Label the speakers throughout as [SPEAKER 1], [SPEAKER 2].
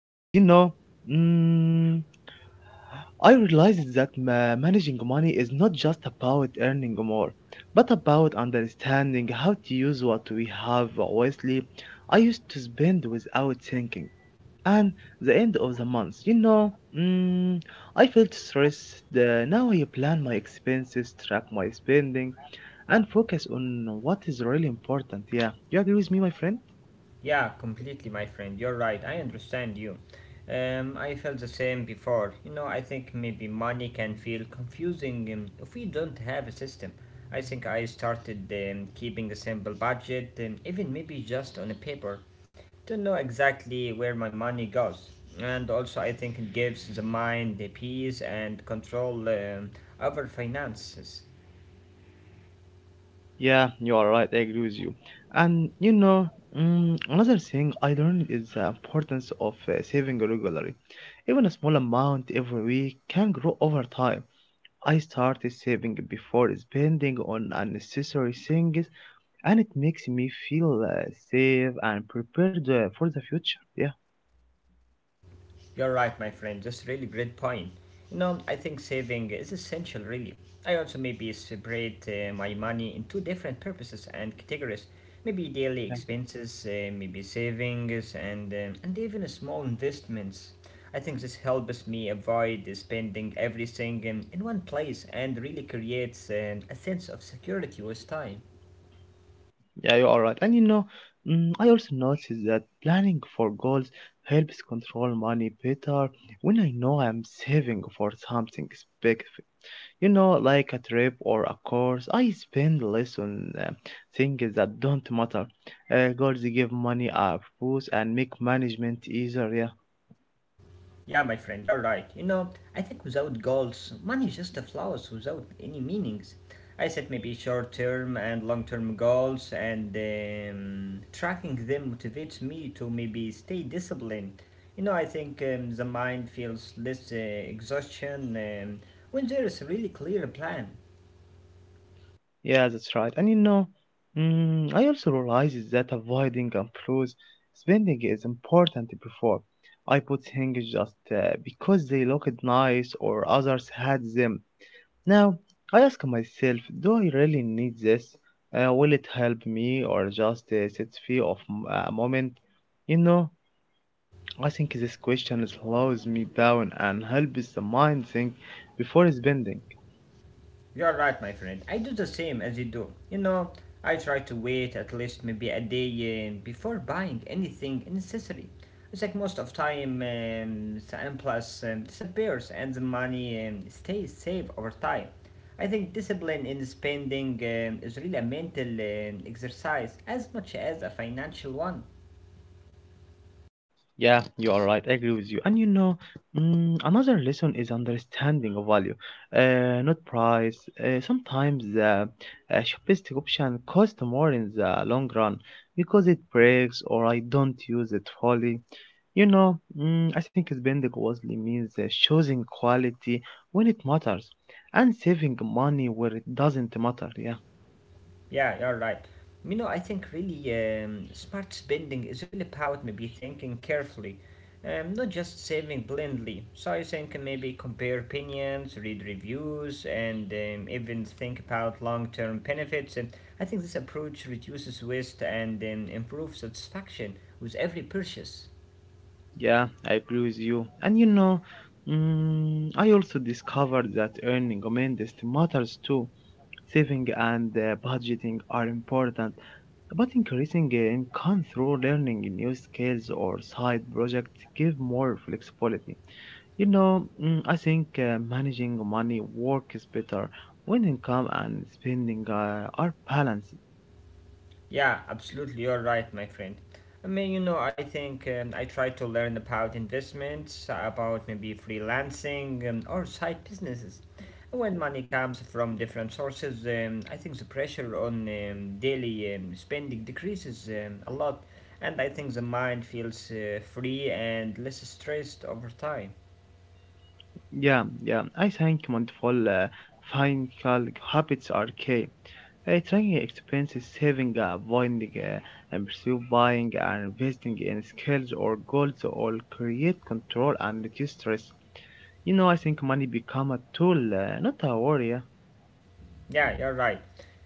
[SPEAKER 1] Ahmed, mm, I realized that managing money is not just about earning more, but about understanding how to use what we have wisely. I used to spend without thinking. And the end of the month, I felt stressed. Now I plan my expenses, track my spending, and focus on what is really important. Yeah, you agree with me, my friend?
[SPEAKER 2] Yeah, completely, my friend. You're right. I understand you. I felt the same before. You know, I think maybe money can feel confusing if we don't have a system. I think I started keeping a simple budget, even maybe just on a paper, to know exactly where my money goes. And also, I think it gives the mind the peace and control over finances.
[SPEAKER 1] Yeah, you are right. I agree with you. And another thing I learned is the importance of saving regularly. Even a small amount every week can grow over time. I started saving before spending on unnecessary things, and it makes me feel safe and prepared for the future. Yeah.
[SPEAKER 2] You're right, my friend. That's really great point. You know, I think saving is essential, really. I also maybe separate my money in two different purposes and categories. Maybe daily expenses, maybe savings, and and even small investments. I think this helps me avoid spending everything in one place and really creates a sense of security with time.
[SPEAKER 1] Yeah, you are right. And I also noticed that planning for goals helps control money better when I know I'm saving for something specific. You know, like a trip or a course, I spend less on things that don't matter. Goals give money a boost and make management easier. Yeah.
[SPEAKER 2] Yeah, my friend, you're right. You know, I think without goals, money is just a flowers without any meanings. I set maybe short term and long term goals, and tracking them motivates me to maybe stay disciplined. You know, I think the mind feels less exhaustion when there is a really clear plan.
[SPEAKER 1] Yeah, that's right. And I also realized that avoiding impulse spending is important before. I put things just because they looked nice or others had them. Now, I ask myself, do I really need this? Will it help me or just sets fear of a moment? You know, I think this question slows me down and helps the mind think before spending.
[SPEAKER 2] You're right, my friend. I do the same as you do. You know, I try to wait at least maybe a day before buying anything necessary. It's like most of time the impulse disappears and the money stays safe over time. I think discipline in spending is really a mental exercise as much as a financial one.
[SPEAKER 1] Yeah, you are right. I agree with you. And another lesson is understanding of value, not price. Sometimes the cheapest option costs more in the long run because it breaks or I don't use it fully. I think spending wisely means choosing quality when it matters and saving money where it doesn't matter. Yeah.
[SPEAKER 2] Yeah, you're right. You know, I think really smart spending is really about maybe thinking carefully, not just saving blindly. So I think maybe compare opinions, read reviews, and even think about long-term benefits. And I think this approach reduces waste and improves satisfaction with every purchase.
[SPEAKER 1] Yeah, I agree with you. And I also discovered that earning amendist matters too. Saving and budgeting are important, but increasing income through learning new skills or side projects give more flexibility. I think managing money works better when income and spending are balanced.
[SPEAKER 2] Yeah, absolutely. You're right, my friend. I mean, you know, I think I try to learn about investments, about maybe freelancing or side businesses. When money comes from different sources, I think the pressure on daily spending decreases a lot, and I think the mind feels free and less stressed over time.
[SPEAKER 1] Yeah, yeah, I think mindful financial habits are key. Tracking expenses, saving, avoiding, and pursue buying, and investing in skills or goals all create control and reduce stress. You know, I think money become a tool, not a warrior.
[SPEAKER 2] Yeah, you're right.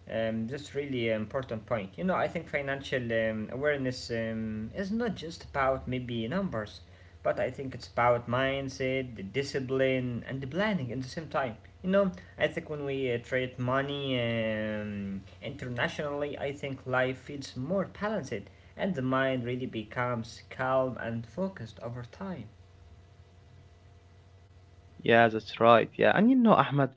[SPEAKER 2] That's really an important point. You know, I think financial awareness is not just about maybe numbers, but I think it's about mindset, the discipline, and the planning at the same time. You know, I think when we trade money internationally, I think life feels more balanced, and the mind really becomes calm and focused over time.
[SPEAKER 1] Yeah, that's right. Yeah, and you know, Ahmed,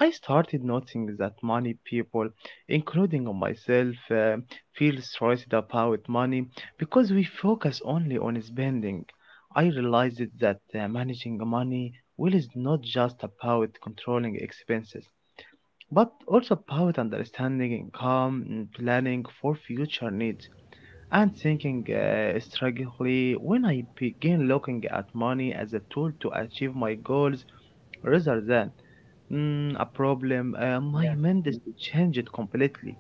[SPEAKER 1] I started noticing that many people, including myself, feel stressed about money because we focus only on spending. I realized that managing money well is not just about controlling expenses, but also about understanding income, and planning for future needs, and thinking strategically. When I began looking at money as a tool to achieve my goals, rather than a problem.
[SPEAKER 2] Yeah.
[SPEAKER 1] My mind is to change it completely.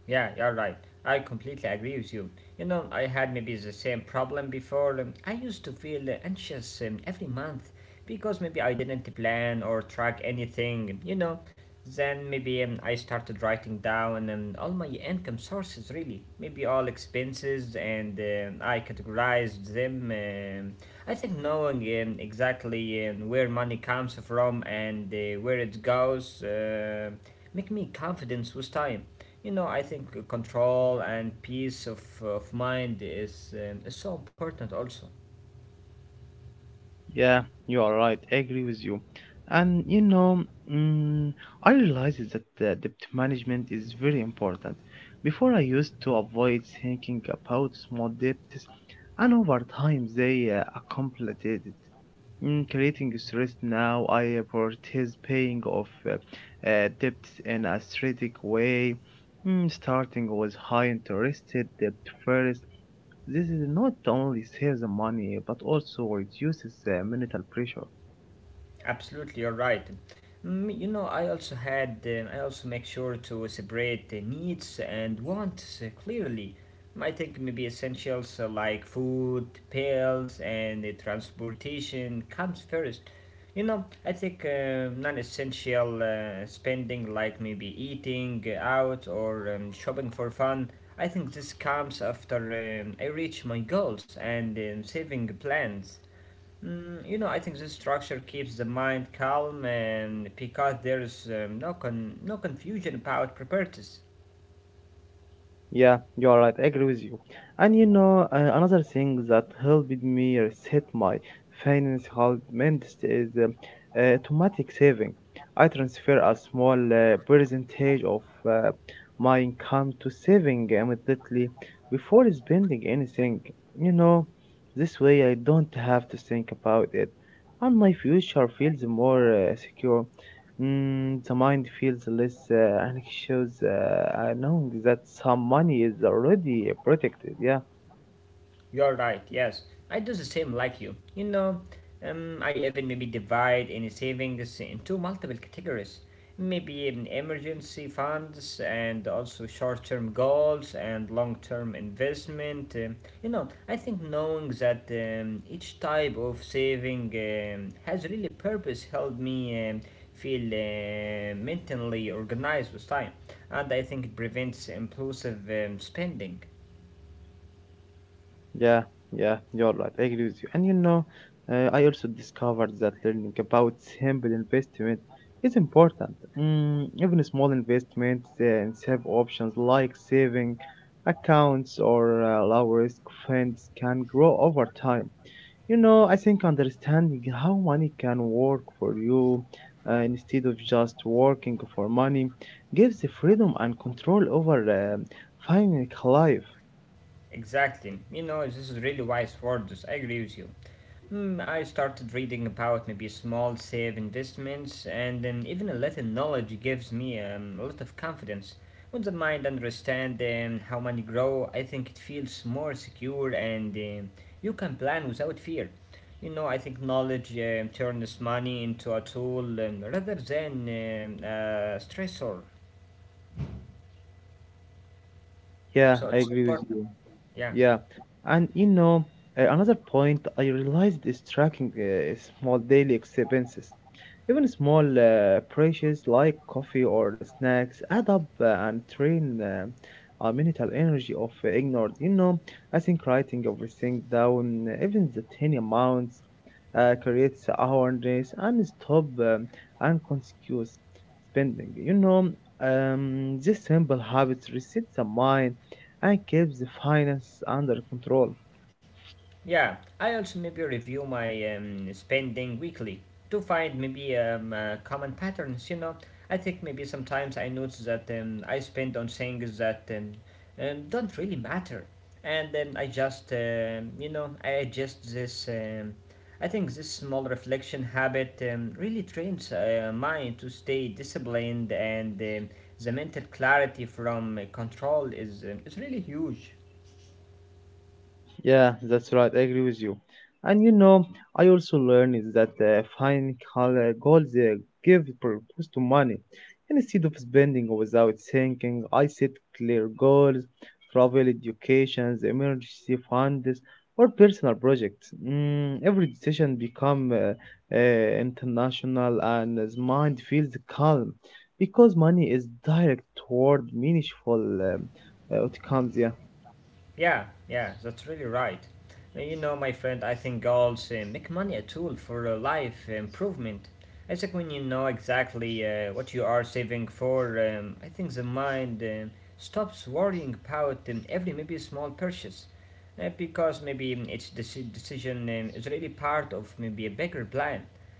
[SPEAKER 2] Yeah, you're right. I completely agree with you. You know, I had maybe the same problem before. I used to feel anxious every month because maybe I didn't plan or track anything, you know. Then maybe I started writing down all my income sources, really. Maybe all expenses, and I categorized them. I think knowing exactly where money comes from and where it goes make me confident with time. You know, I think control and peace of mind is so important also.
[SPEAKER 1] Yeah, you are right. I agree with you. And mm, I realized that debt management is very important. Before, I used to avoid thinking about small debts, and over time, they accumulated. Creating stress now, I prioritize paying off debts in a strategic way, starting with high interest debt first. This is not only saves money but also reduces mental pressure.
[SPEAKER 2] Absolutely, you're right. Mm, you know, I also make sure to separate the needs and wants clearly. I think maybe essentials like food, pills, and transportation comes first. You know, I think non-essential spending like maybe eating out or shopping for fun. I think this comes after I reach my goals and saving plans. Mm, you know, I think this structure keeps the mind calm and because there's no confusion about preparedness.
[SPEAKER 1] Yeah, you are right. I agree with you. And you know, another thing that helped me reset my financial mindset is automatic saving. I transfer a small percentage of uh, my income to saving immediately before spending anything. You know, this way I don't have to think about it, and my future feels more secure. The mind feels less anxious knowing that some money is already protected. Yeah,
[SPEAKER 2] You're right, yes. I do the same like you. You know, I even maybe divide any savings into multiple categories. Maybe even emergency funds and also short term goals and long term investment. You know, I think knowing that each type of saving has really purpose helped me feel mentally organized with time. And I think it prevents impulsive spending.
[SPEAKER 1] yeah, yeah, you're right. I agree with you. And you know, I also discovered that learning about simple investment is important. Even small investments and save options like saving accounts or low risk funds can grow over time. You know, I think understanding how money can work for you instead of just working for money gives the freedom and control over financial life.
[SPEAKER 2] Exactly. You know, this is really wise words. I agree with you. Hmm, I started reading about maybe small safe investments, and then even a little knowledge gives me a lot of confidence. When the mind understands how money grow, I think it feels more secure, and you can plan without fear. You know, I think knowledge turns money into a tool rather than a stressor.
[SPEAKER 1] Yeah, I
[SPEAKER 2] So it's
[SPEAKER 1] agree with
[SPEAKER 2] important.
[SPEAKER 1] you.
[SPEAKER 2] Yeah.
[SPEAKER 1] Yeah, and you know, another point I realized is tracking small daily expenses. Even small purchases like coffee or snacks add up and drain our mental energy of ignored. You know, I think writing everything down, even the tiny amounts, creates awareness and stop unconscious spending. You know, this simple habits reset the mind and keeps the finance under control.
[SPEAKER 2] Yeah, I also maybe review my spending weekly to find maybe common patterns. You know, I think maybe sometimes I notice that I spend on things that don't really matter, and then I just you know I adjust this. I think this small reflection habit really trains mind to stay disciplined, and the mental clarity from control is really huge.
[SPEAKER 1] Yeah, that's right. I agree with you. And you know, I also learned is that fine color goals give purpose to money. And instead of spending without thinking, I set clear goals, travel, educations, emergency funds, or personal projects. Every decision become international, and his mind feels calm because money is direct toward meaningful um, outcomes. Yeah.
[SPEAKER 2] Yeah, yeah, that's really right. You know, my friend, I think goals make money a tool for life improvement. It's like when you know exactly what you are saving for, I think the mind stops worrying about every maybe small purchase. Because maybe decision is really part of maybe a bigger plan.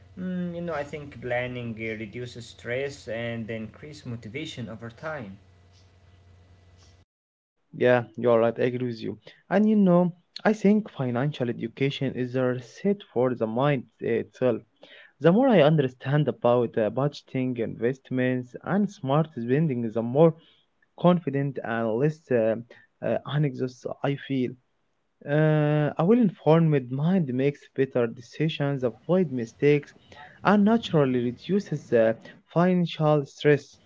[SPEAKER 2] Mm, you know, I think planning reduces stress and increase motivation over time.
[SPEAKER 1] Yeah, you're right. I agree with you. And you know, I think financial education is a reset for the mind itself. The more I understand about budgeting, investments, and smart spending, the more confident and less anxious I feel. A well informed mind makes better decisions, avoid mistakes, and naturally reduces financial stress.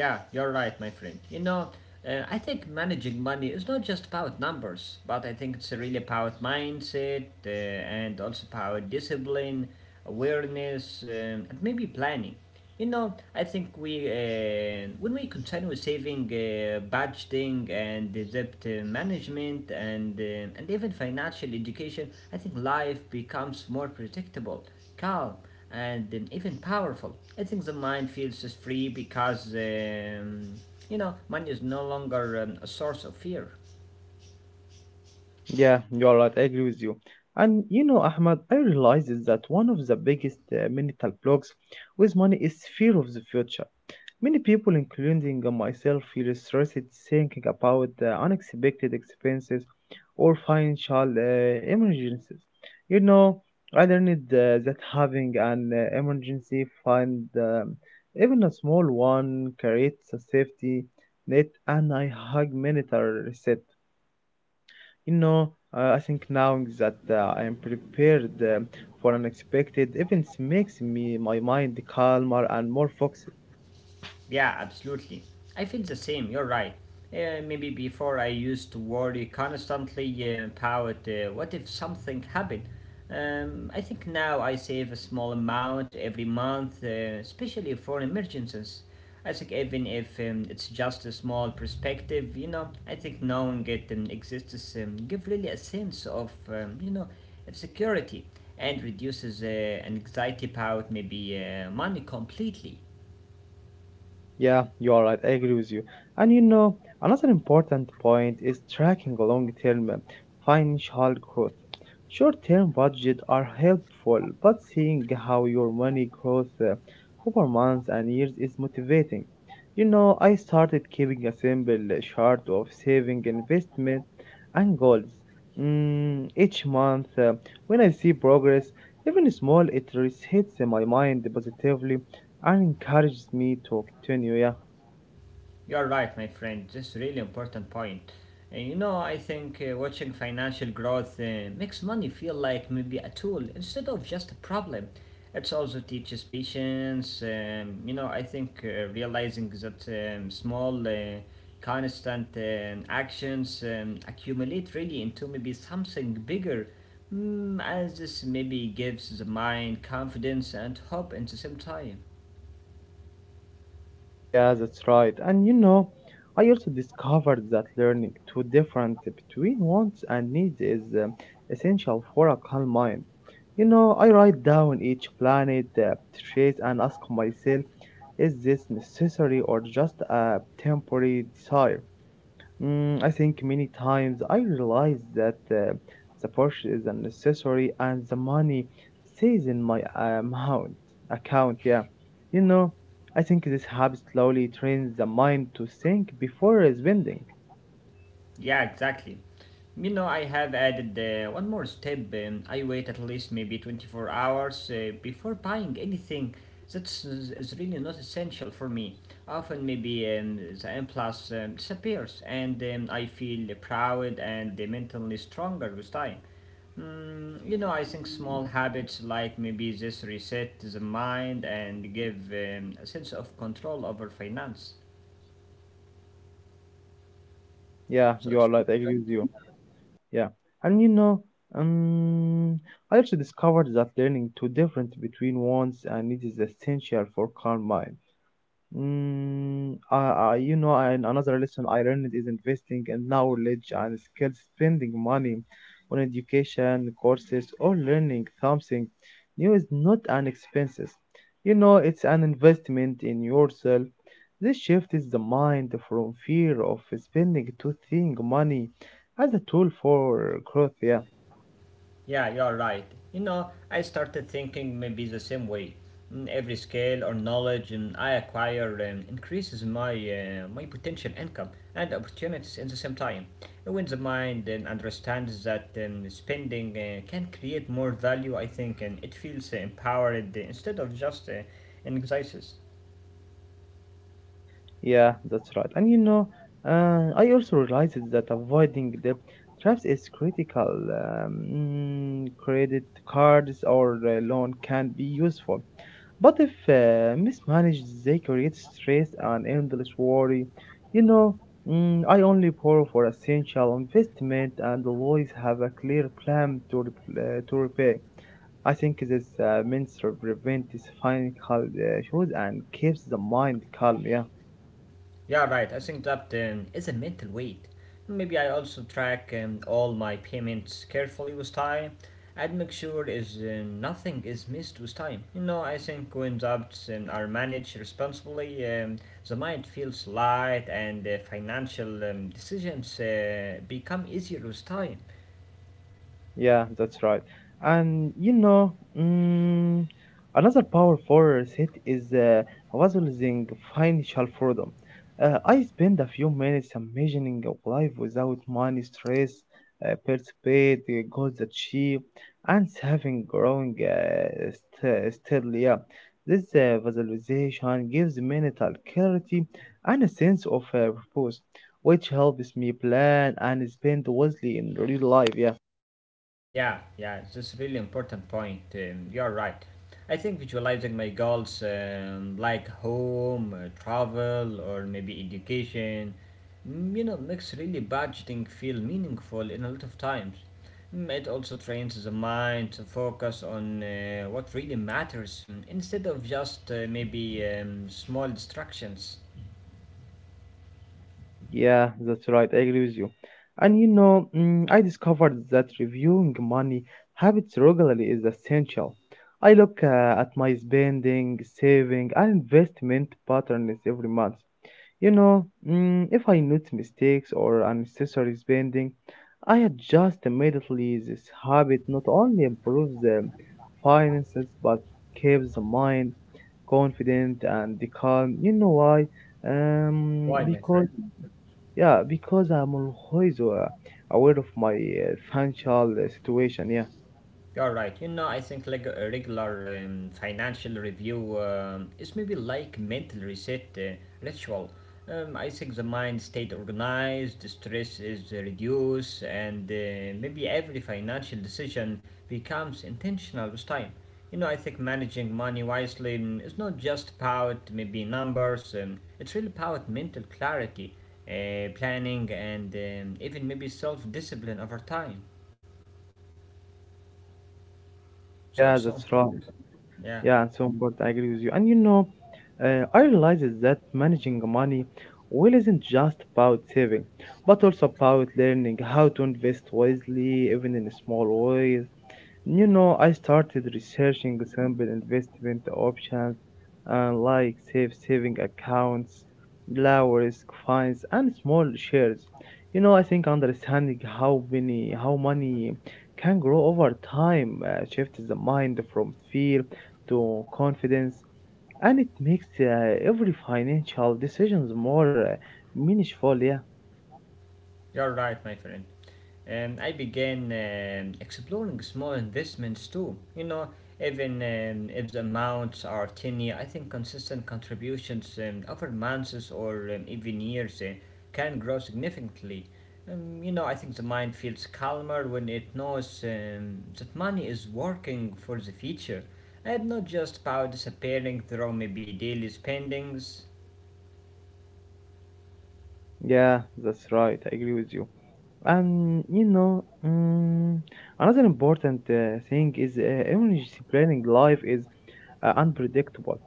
[SPEAKER 2] Yeah, you're right, my friend. You know, I think managing money is not just about numbers, but I think it's really about mindset and also about discipline, awareness, and maybe planning. You know, I think we when we continue saving, budgeting, and the debt management, and and even financial education, I think life becomes more predictable, calm, and even powerful. I think the mind feels is free because, you know, money is no longer a source of fear.
[SPEAKER 1] Yeah, you are right. I agree with you. And you know, Ahmad, I realized is that one of the biggest mental blocks with money is fear of the future. Many people, including myself, feel stressed thinking about unexpected expenses or financial emergencies. You know, I learned that having an emergency fund, even a small one, creates a safety net, and I hug many reset. You know, I think now that I am prepared for unexpected events makes me my mind calmer and more focused.
[SPEAKER 2] Yeah, absolutely. I feel the same, you're right. Maybe before I used to worry constantly about what if something happened. I think now I save a small amount every month, especially for emergencies. I think even if it's just a small perspective, you know, I think knowing it exists give really a sense of, of security and reduces anxiety about maybe money completely.
[SPEAKER 1] Yeah, you are right. I agree with you. And you know, another important point is tracking long term financial growth. Short term budgets are helpful, but seeing how your money grows over months and years is motivating. You know, I started keeping a simple chart of saving, investment, and goals. Each month, when I see progress, even small, it resets my mind positively and encouraged me to continue. Yeah,
[SPEAKER 2] You're right, my friend. This is a really important point. You know, I think watching financial growth makes money feel like maybe a tool instead of just a problem. It also teaches patience. You know, I think realizing that small, constant actions accumulate really into maybe something bigger, mm, as this maybe gives the mind confidence and hope at the same time.
[SPEAKER 1] yeah, that's right. And you know, I also discovered that learning to different between wants and needs is essential for a calm mind. You know, I write down each planet, trace, and ask myself, is this necessary or just a temporary desire? I think many times I realize that the purchase is unnecessary and the money stays in my amount account. Yeah, you know, I think this habit slowly trains the mind to think before spending.
[SPEAKER 2] Yeah, exactly. You know, I have added one more step. I wait at least maybe 24 hours before buying anything that's is really not essential for me. Often, maybe the M Plus disappears, and I feel proud and mentally stronger with time. Mm, you know, I think small habits like maybe this reset the mind and give a sense of control over finance.
[SPEAKER 1] Yeah, you are right. I
[SPEAKER 2] So
[SPEAKER 1] agree
[SPEAKER 2] true.
[SPEAKER 1] with you. Yeah, and you know, um, I also discovered that learning to difference between wants and needs is essential for calm mind. You know, and another lesson I learned is investing in knowledge and skills, spending money on education, courses, or learning something new is not an expense. You know, it's an investment in yourself. This shift is the mind from fear of spending to seeing money as a tool for growth. Yeah.
[SPEAKER 2] Yeah, you're right. You know, I started thinking maybe the same way. Mm, every skill or knowledge I acquire increases my potential income and opportunities in the same time. When the mind understands that spending can create more value, I think, and it feels empowered instead of just anxieties.
[SPEAKER 1] Yeah, that's right. And you know, I also realized that avoiding debt traps is critical. Credit cards or loan can be useful, but if mismanaged, they create stress and endless worry. You know, I only borrow for essential investment and always have a clear plan to to repay. I think this means to prevent this financial issues and keeps the mind calm. Yeah.
[SPEAKER 2] Yeah, right. I think that is a mental weight. Maybe I also track all my payments carefully with time and make sure is nothing is missed with time. You know, I think when jobs are managed responsibly, the mind feels light and financial decisions become easier with time.
[SPEAKER 1] Yeah, that's right. And mm, another powerful set is visualizing financial freedom. I spend a few minutes imagining a life without money stress, participate, goals achieved, and having growing steadily. Yeah. This visualization gives mental clarity and a sense of purpose, which helps me plan and spend wisely in real life. Yeah.
[SPEAKER 2] Yeah, yeah, it's a really important point. You're right. I think visualizing my goals, like home, travel, or maybe education, mm, you know, makes really budgeting feel meaningful in a lot of times. Mm, it also trains the mind to focus on what really matters instead of just maybe small distractions.
[SPEAKER 1] Yeah, that's right. I agree with you. And I discovered that reviewing money habits regularly is essential. I look at my spending, saving, and investment patterns every month. If I note mistakes or unnecessary spending, I adjust immediately. This habit not only improves the finances but keeps the mind confident and calm. You know why?
[SPEAKER 2] Why, my
[SPEAKER 1] Because
[SPEAKER 2] friend?
[SPEAKER 1] yeah, because I'm always aware of my financial situation. Yeah,
[SPEAKER 2] You're right. You know, I think like a regular financial review is maybe like mental reset ritual. I think the mind stayed organized, the stress is reduced, and maybe every financial decision becomes intentional with time. You know, I think managing money wisely mm, is not just about maybe numbers. It's really about mental clarity, planning, and even maybe self-discipline over time. So
[SPEAKER 1] yeah,
[SPEAKER 2] it's so
[SPEAKER 1] that's
[SPEAKER 2] important.
[SPEAKER 1] right.
[SPEAKER 2] Yeah.
[SPEAKER 1] Yeah, and so important. I agree with you. And you know, I realized that managing money well isn't just about saving, but also about learning how to invest wisely, even in small ways. You know, I started researching simple investment options like safe saving accounts, low risk funds, and small shares. You know, I think understanding how money can grow over time shifts the mind from fear to confidence, and it makes every financial decisions more meaningful. Yeah,
[SPEAKER 2] You're right, my friend. I began exploring small investments too. You know, even if the amounts are tiny, I think consistent contributions over months or even years can grow significantly. I think the mind feels calmer when it knows that money is working for the future and not just about disappearing through maybe daily spendings.
[SPEAKER 1] yeah, that's right. I agree with you. And you know, another important thing is emergency planning. Life is unpredictable.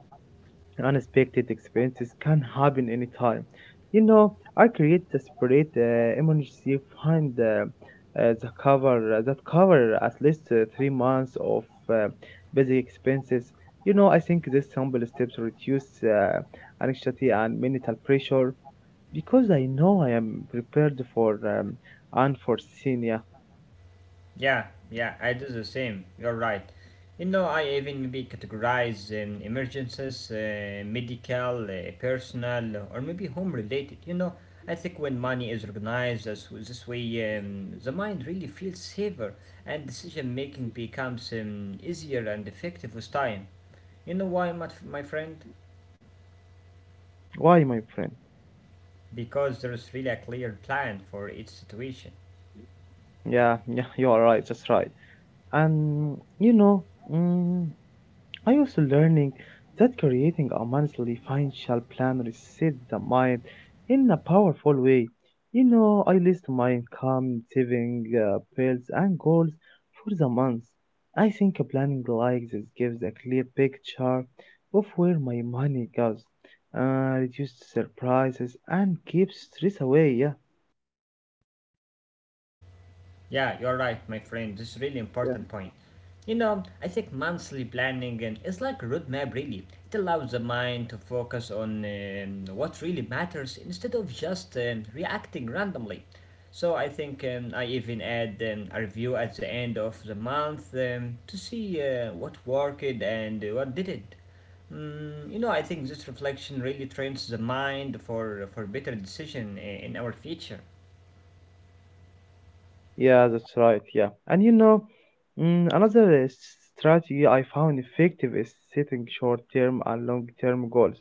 [SPEAKER 1] Unexpected expenses can happen anytime. You know, I create the separate emergency fund the cover that cover at least 3 months of uh, basic expenses. You know, I think these simple steps reduce anxiety and mental pressure. Because I know I am prepared for unforeseen. Yeah.
[SPEAKER 2] Yeah, yeah, I do the same. You're right. You know, I even maybe categorize emergencies, medical, personal, or maybe home related. You know, I think when money is organized as this way, the mind really feels safer and decision making becomes easier and effective with time. You know why, my friend?
[SPEAKER 1] Why, my friend?
[SPEAKER 2] Because there is really a clear plan for each situation.
[SPEAKER 1] Yeah, yeah, you are right. That's right. And you know, mm, I also learning that creating a monthly financial plan resets the mind in a powerful way. You know, I list my income, saving bills, and goals for the month. I think a planning like this gives a clear picture of where my money goes, reduces surprises, and keeps stress away. Yeah. You-
[SPEAKER 2] Yeah, you're right, my friend. This is really
[SPEAKER 1] yeah.
[SPEAKER 2] important point. You know, I think monthly planning and is like a roadmap really. It allows the mind to focus on what really matters instead of just reacting randomly. So I think I even add a review at the end of the month to see what worked and what didn't. You know, I think this reflection really trains the mind for better decision in our future.
[SPEAKER 1] Yeah, that's right. Yeah. And you know, another strategy I found effective is setting short term and long term goals.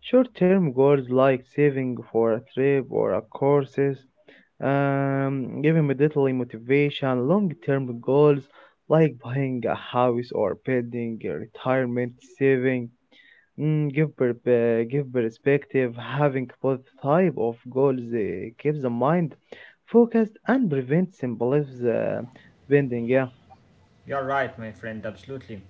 [SPEAKER 1] Short term goals like saving for a trip or a courses, giving me little motivation. Long term goals like buying a house or building a retirement saving. Give perspective, having both type of goals keeps the mind focused and prevents symbolism bending. Yeah,
[SPEAKER 2] You're right, my friend, absolutely.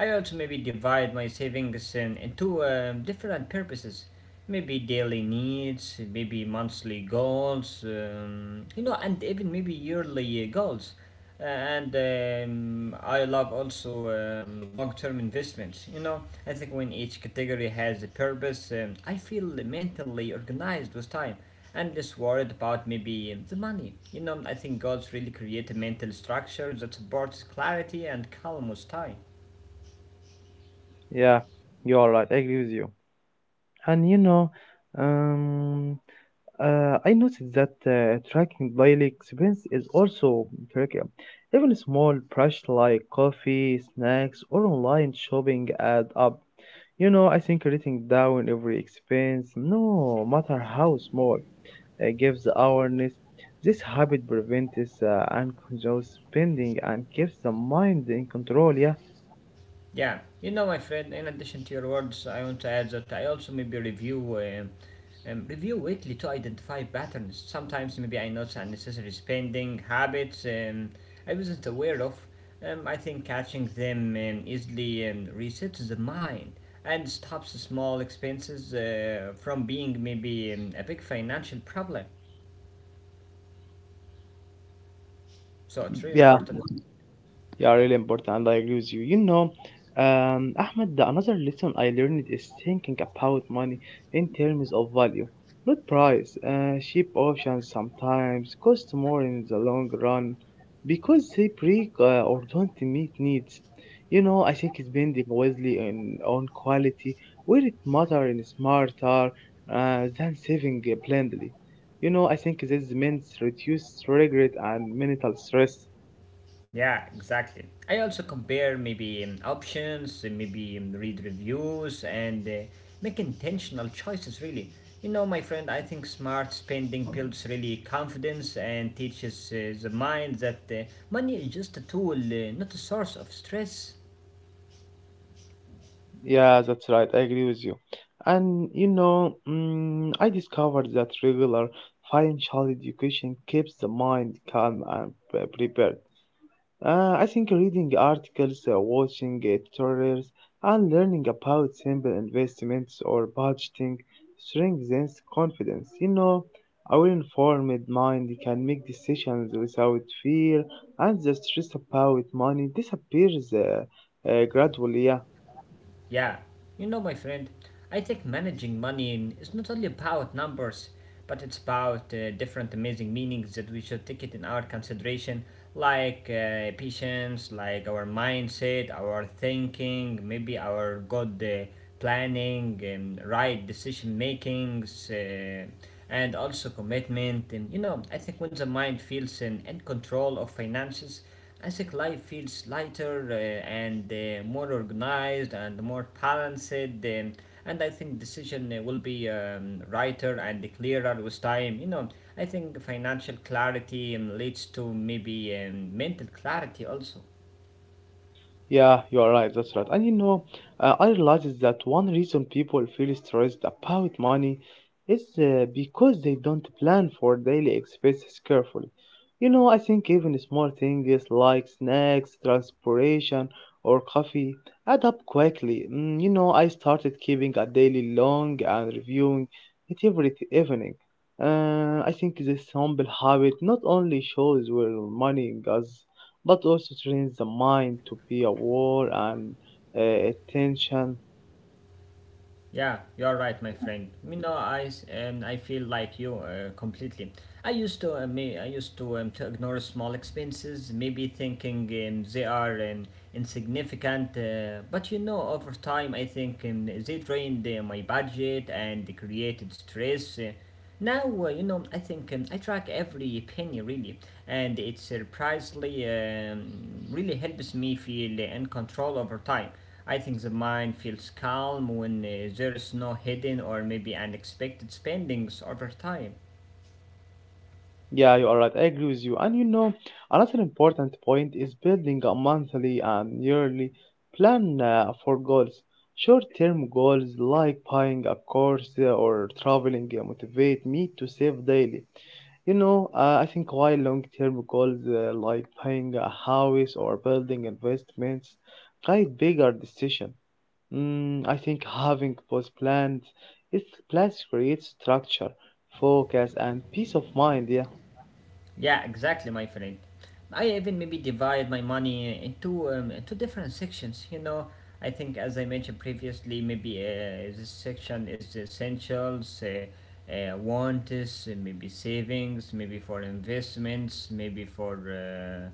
[SPEAKER 2] I also maybe divide my savings into different purposes. Maybe daily needs, maybe monthly goals, you know, and even maybe yearly goals. And I love also long term investments. You know, I think when each category has a purpose, I feel mentally organized with time. And just worried about maybe the money. You know, I think God's really created a mental structure that supports clarity and calm with time.
[SPEAKER 1] yeah, you are right. I agree with you. And you know, um, I noticed that tracking daily expense is also tricky. Even small brush like coffee, snacks, or online shopping add up. You know, I think writing down every expense, no matter how small, gives awareness. This habit prevents unconscious spending and keeps the mind in control. Yeah.
[SPEAKER 2] Yeah, you know, my friend. In addition to your words, I want to add that I also maybe review review weekly to identify patterns. Sometimes maybe I notice unnecessary spending habits I wasn't aware of. I think catching them easily resets the mind and stops small expenses from being maybe a big financial problem. So it's really
[SPEAKER 1] Yeah,
[SPEAKER 2] important.
[SPEAKER 1] yeah, really important, and I agree with you. You know, Ahmed, the another lesson I learned is thinking about money in terms of value, not price. Cheap options sometimes cost more in the long run because they break or don't meet needs. You know, I think spending wisely in, on quality will it matter in smarter than saving blindly. You know, I think this means reduce regret and mental stress.
[SPEAKER 2] Yeah, exactly. I also compare maybe options, maybe read reviews, and make intentional choices really. You know, my friend, I think smart spending builds really confidence and teaches the mind that money is just a tool, not a source of stress.
[SPEAKER 1] Yeah, that's right. I agree with you. And you know, I discovered that regular financial education keeps the mind calm and prepared. I think reading articles, watching tutorials, and learning about simple investments or budgeting strengthens confidence. You know, our informed mind can make decisions without fear, and the stress about money disappears gradually. Yeah.
[SPEAKER 2] Yeah, you know, my friend, I think managing money is not only about numbers, but it's about different amazing meanings that we should take it in our consideration, like patience, like our mindset, our thinking, maybe our good planning, and right decision makings. And also commitment and you know I think when the mind feels in control of finances I think life feels lighter and more organized and more balanced. And I think decision will be righter and clearer with time. You know, I think financial clarity leads to maybe mental clarity also.
[SPEAKER 1] Yeah, you are right. That's right. And you know, I realized that one reason people feel stressed about money is because they don't plan for daily expenses carefully. You know, I think even small things like snacks, transportation, or coffee add up quickly. You know, I started keeping a daily log and reviewing it evening. I think this humble habit not only shows where money goes but also trains the mind to be aware and attention.
[SPEAKER 2] Yeah, you're right, my friend. You know, I feel like you completely. I used to me I used to ignore small expenses, maybe thinking they are insignificant. But you know, over time, I think they drained my budget and created stress. Now, you know, I think I track every penny really, and it surprisingly really helps me feel in control over time. I think the mind feels calm when there is no hidden or maybe unexpected spendings over time.
[SPEAKER 1] Yeah, you are right. I agree with you. And you know, another important point is building a monthly and yearly plan for goals. Short term goals like buying a course or traveling motivate me to save daily. You know, I think while long term goals like buying a house or building investments guide bigger decision. I think having both plans, it plans creates structure, focus, and peace of mind. Yeah.
[SPEAKER 2] Yeah, exactly, my friend. I even maybe divide my money into two different sections. You know, I think as I mentioned previously, maybe this section is essentials, wants, maybe savings, maybe for investments, maybe for uh,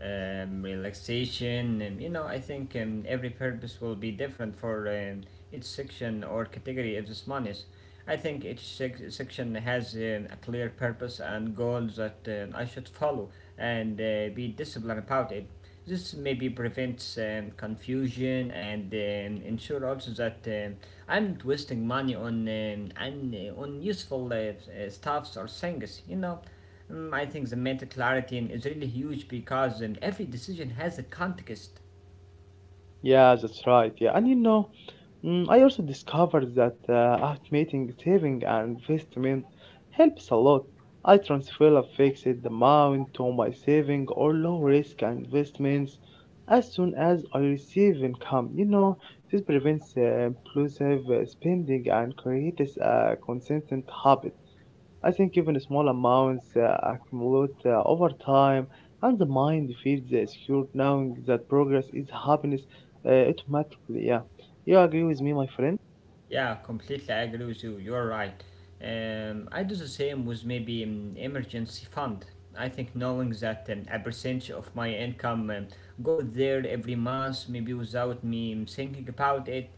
[SPEAKER 2] um, relaxation, and you know, I think every purpose will be different for each section or category of this monies. I think each section has a clear purpose and goals that I should follow and be disciplined about it. This maybe prevents confusion and ensure also that I'm not wasting money on and on useful stuffs or things. You know, I think the mental clarity is really huge because every decision has a context.
[SPEAKER 1] Yeah, that's right. Yeah, and you know, I also discovered that automating saving and investment helps a lot. I transfer a fixed amount to my saving or low risk investments as soon as I receive income. You know, this prevents impulsive spending and creates a consistent habit. I think even small amounts accumulate over time, and the mind feels secure knowing that progress is happiness automatically. Yeah, you agree with me, my friend?
[SPEAKER 2] Yeah, completely agree with you. You're right. I do the same with maybe emergency fund. I think knowing that a percentage of my income go there every month, maybe without me thinking about it,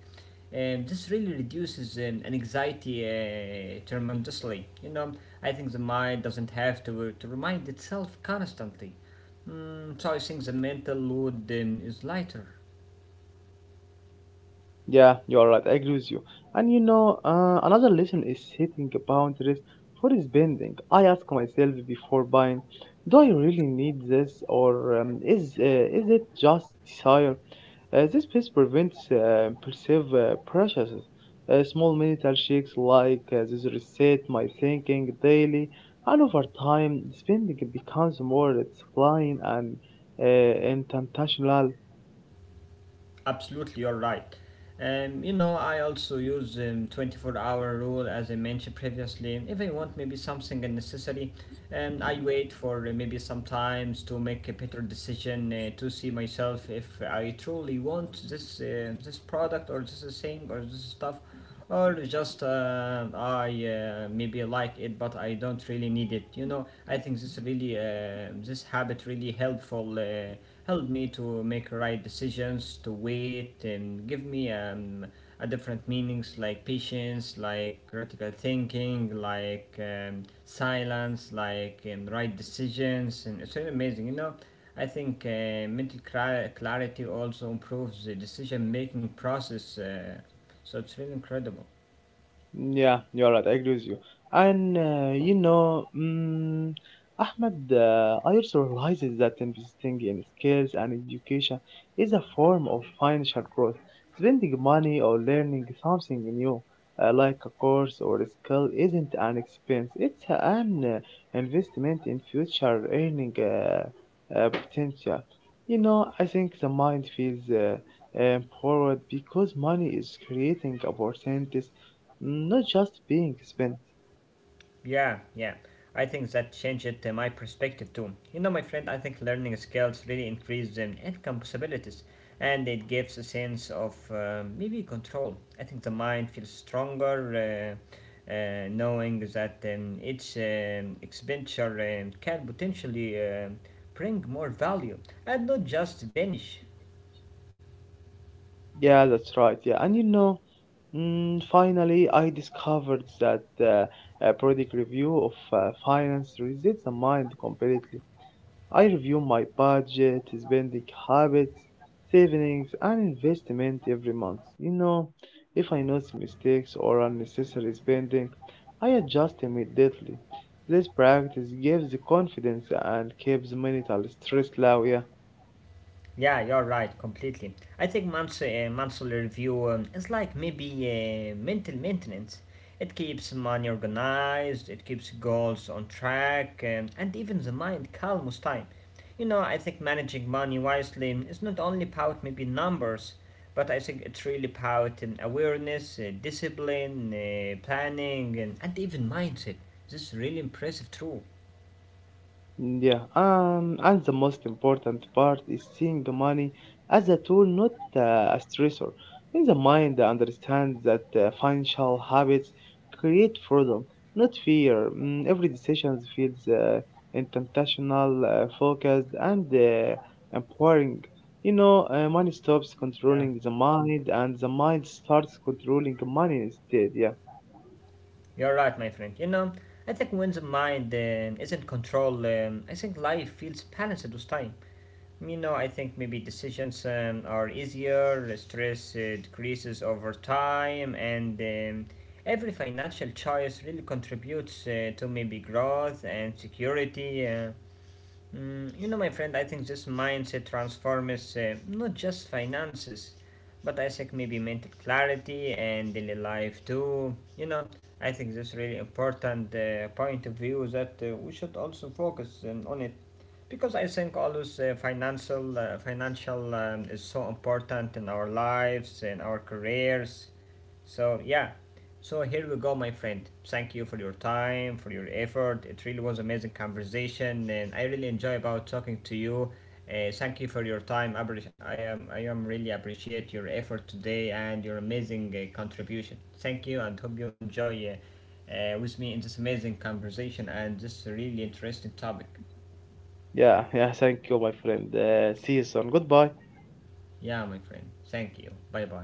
[SPEAKER 2] this really reduces an anxiety tremendously. You know, I think the mind doesn't have to remind itself constantly. So I think the mental load is lighter.
[SPEAKER 1] Yeah, you're right. I agree with you. And you know, another lesson is setting boundaries for spending. I ask myself before buying, do I really need this, or is it just desire? This piece prevents perceived purchases. Small mental shakes like this reset my thinking daily, and over time, spending becomes more disciplined and intentional.
[SPEAKER 2] Absolutely, you're right. You know, I also use 24-hour rule as I mentioned previously. If I want maybe something unnecessary, I wait for maybe sometimes to make a better decision to see myself if I truly want this this product or this thing or this stuff or just I maybe like it but I don't really need it. You know, I think this really this habit really helpful helped me to make right decisions to wait and give me a different meanings like patience, like critical thinking, like silence, like right decisions, and it's really amazing. You know, I think mental clarity also improves the decision making process. So it's really incredible.
[SPEAKER 1] Yeah, you're right. I agree with you. And you know, Ahmed, I also realizes that investing in skills and education is a form of financial growth. Spending money or learning something new, like a course or a skill, isn't an expense. It's an investment in future earning potential. You know, I think the mind feels empowered because money is creating opportunities not just being spent.
[SPEAKER 2] Yeah, yeah. I think that changed my perspective too. You know, my friend, I think learning skills really increase income possibilities and it gives a sense of maybe control. I think the mind feels stronger knowing that each expenditure can potentially bring more value and not just vanish.
[SPEAKER 1] Yeah, that's right. Yeah, and you know, finally, I discovered that a periodic review of finance resets the mind completely. I review my budget, spending habits, savings, and investment every month. You know, if I notice mistakes or unnecessary spending, I adjust immediately. This practice gives confidence and keeps mental stress low. Yeah.
[SPEAKER 2] Yeah, you're right, completely. I think monthly review is like maybe mental maintenance. It keeps money organized, it keeps goals on track, and even the mind calm with time. You know, I think managing money wisely is not only about maybe numbers, but I think it's really about awareness, discipline, planning, and even mindset. This is really impressive, true.
[SPEAKER 1] Yeah, and the most important part is seeing the money as a tool, not a stressor. In the mind, I understand that financial habits create freedom, not fear. Every decision feels intentional, focused, and empowering. You know, money stops controlling the mind, and the mind starts controlling money instead. Yeah,
[SPEAKER 2] You're right, my friend. You know, I think when the mind isn't controlled, I think life feels balanced with time. You know, I think maybe decisions are easier, stress decreases over time, and every financial choice really contributes to maybe growth and security. You know, my friend, I think this mindset transforms not just finances, but I think maybe mental clarity and daily life too. You know, I think this really important point of view that we should also focus on it, because I think always financial is so important in our lives and our careers. So yeah, so here we go, my friend. Thank you for your time, for your effort. It really was amazing conversation, and I really enjoy about talking to you. Thank you for your time. I am really appreciate your effort today and your amazing contribution. Thank you, and hope you enjoy with me in this amazing conversation and this really interesting topic.
[SPEAKER 1] yeah. Thank you, my friend. See you soon. Goodbye.
[SPEAKER 2] Yeah, my friend. Thank you. Bye bye.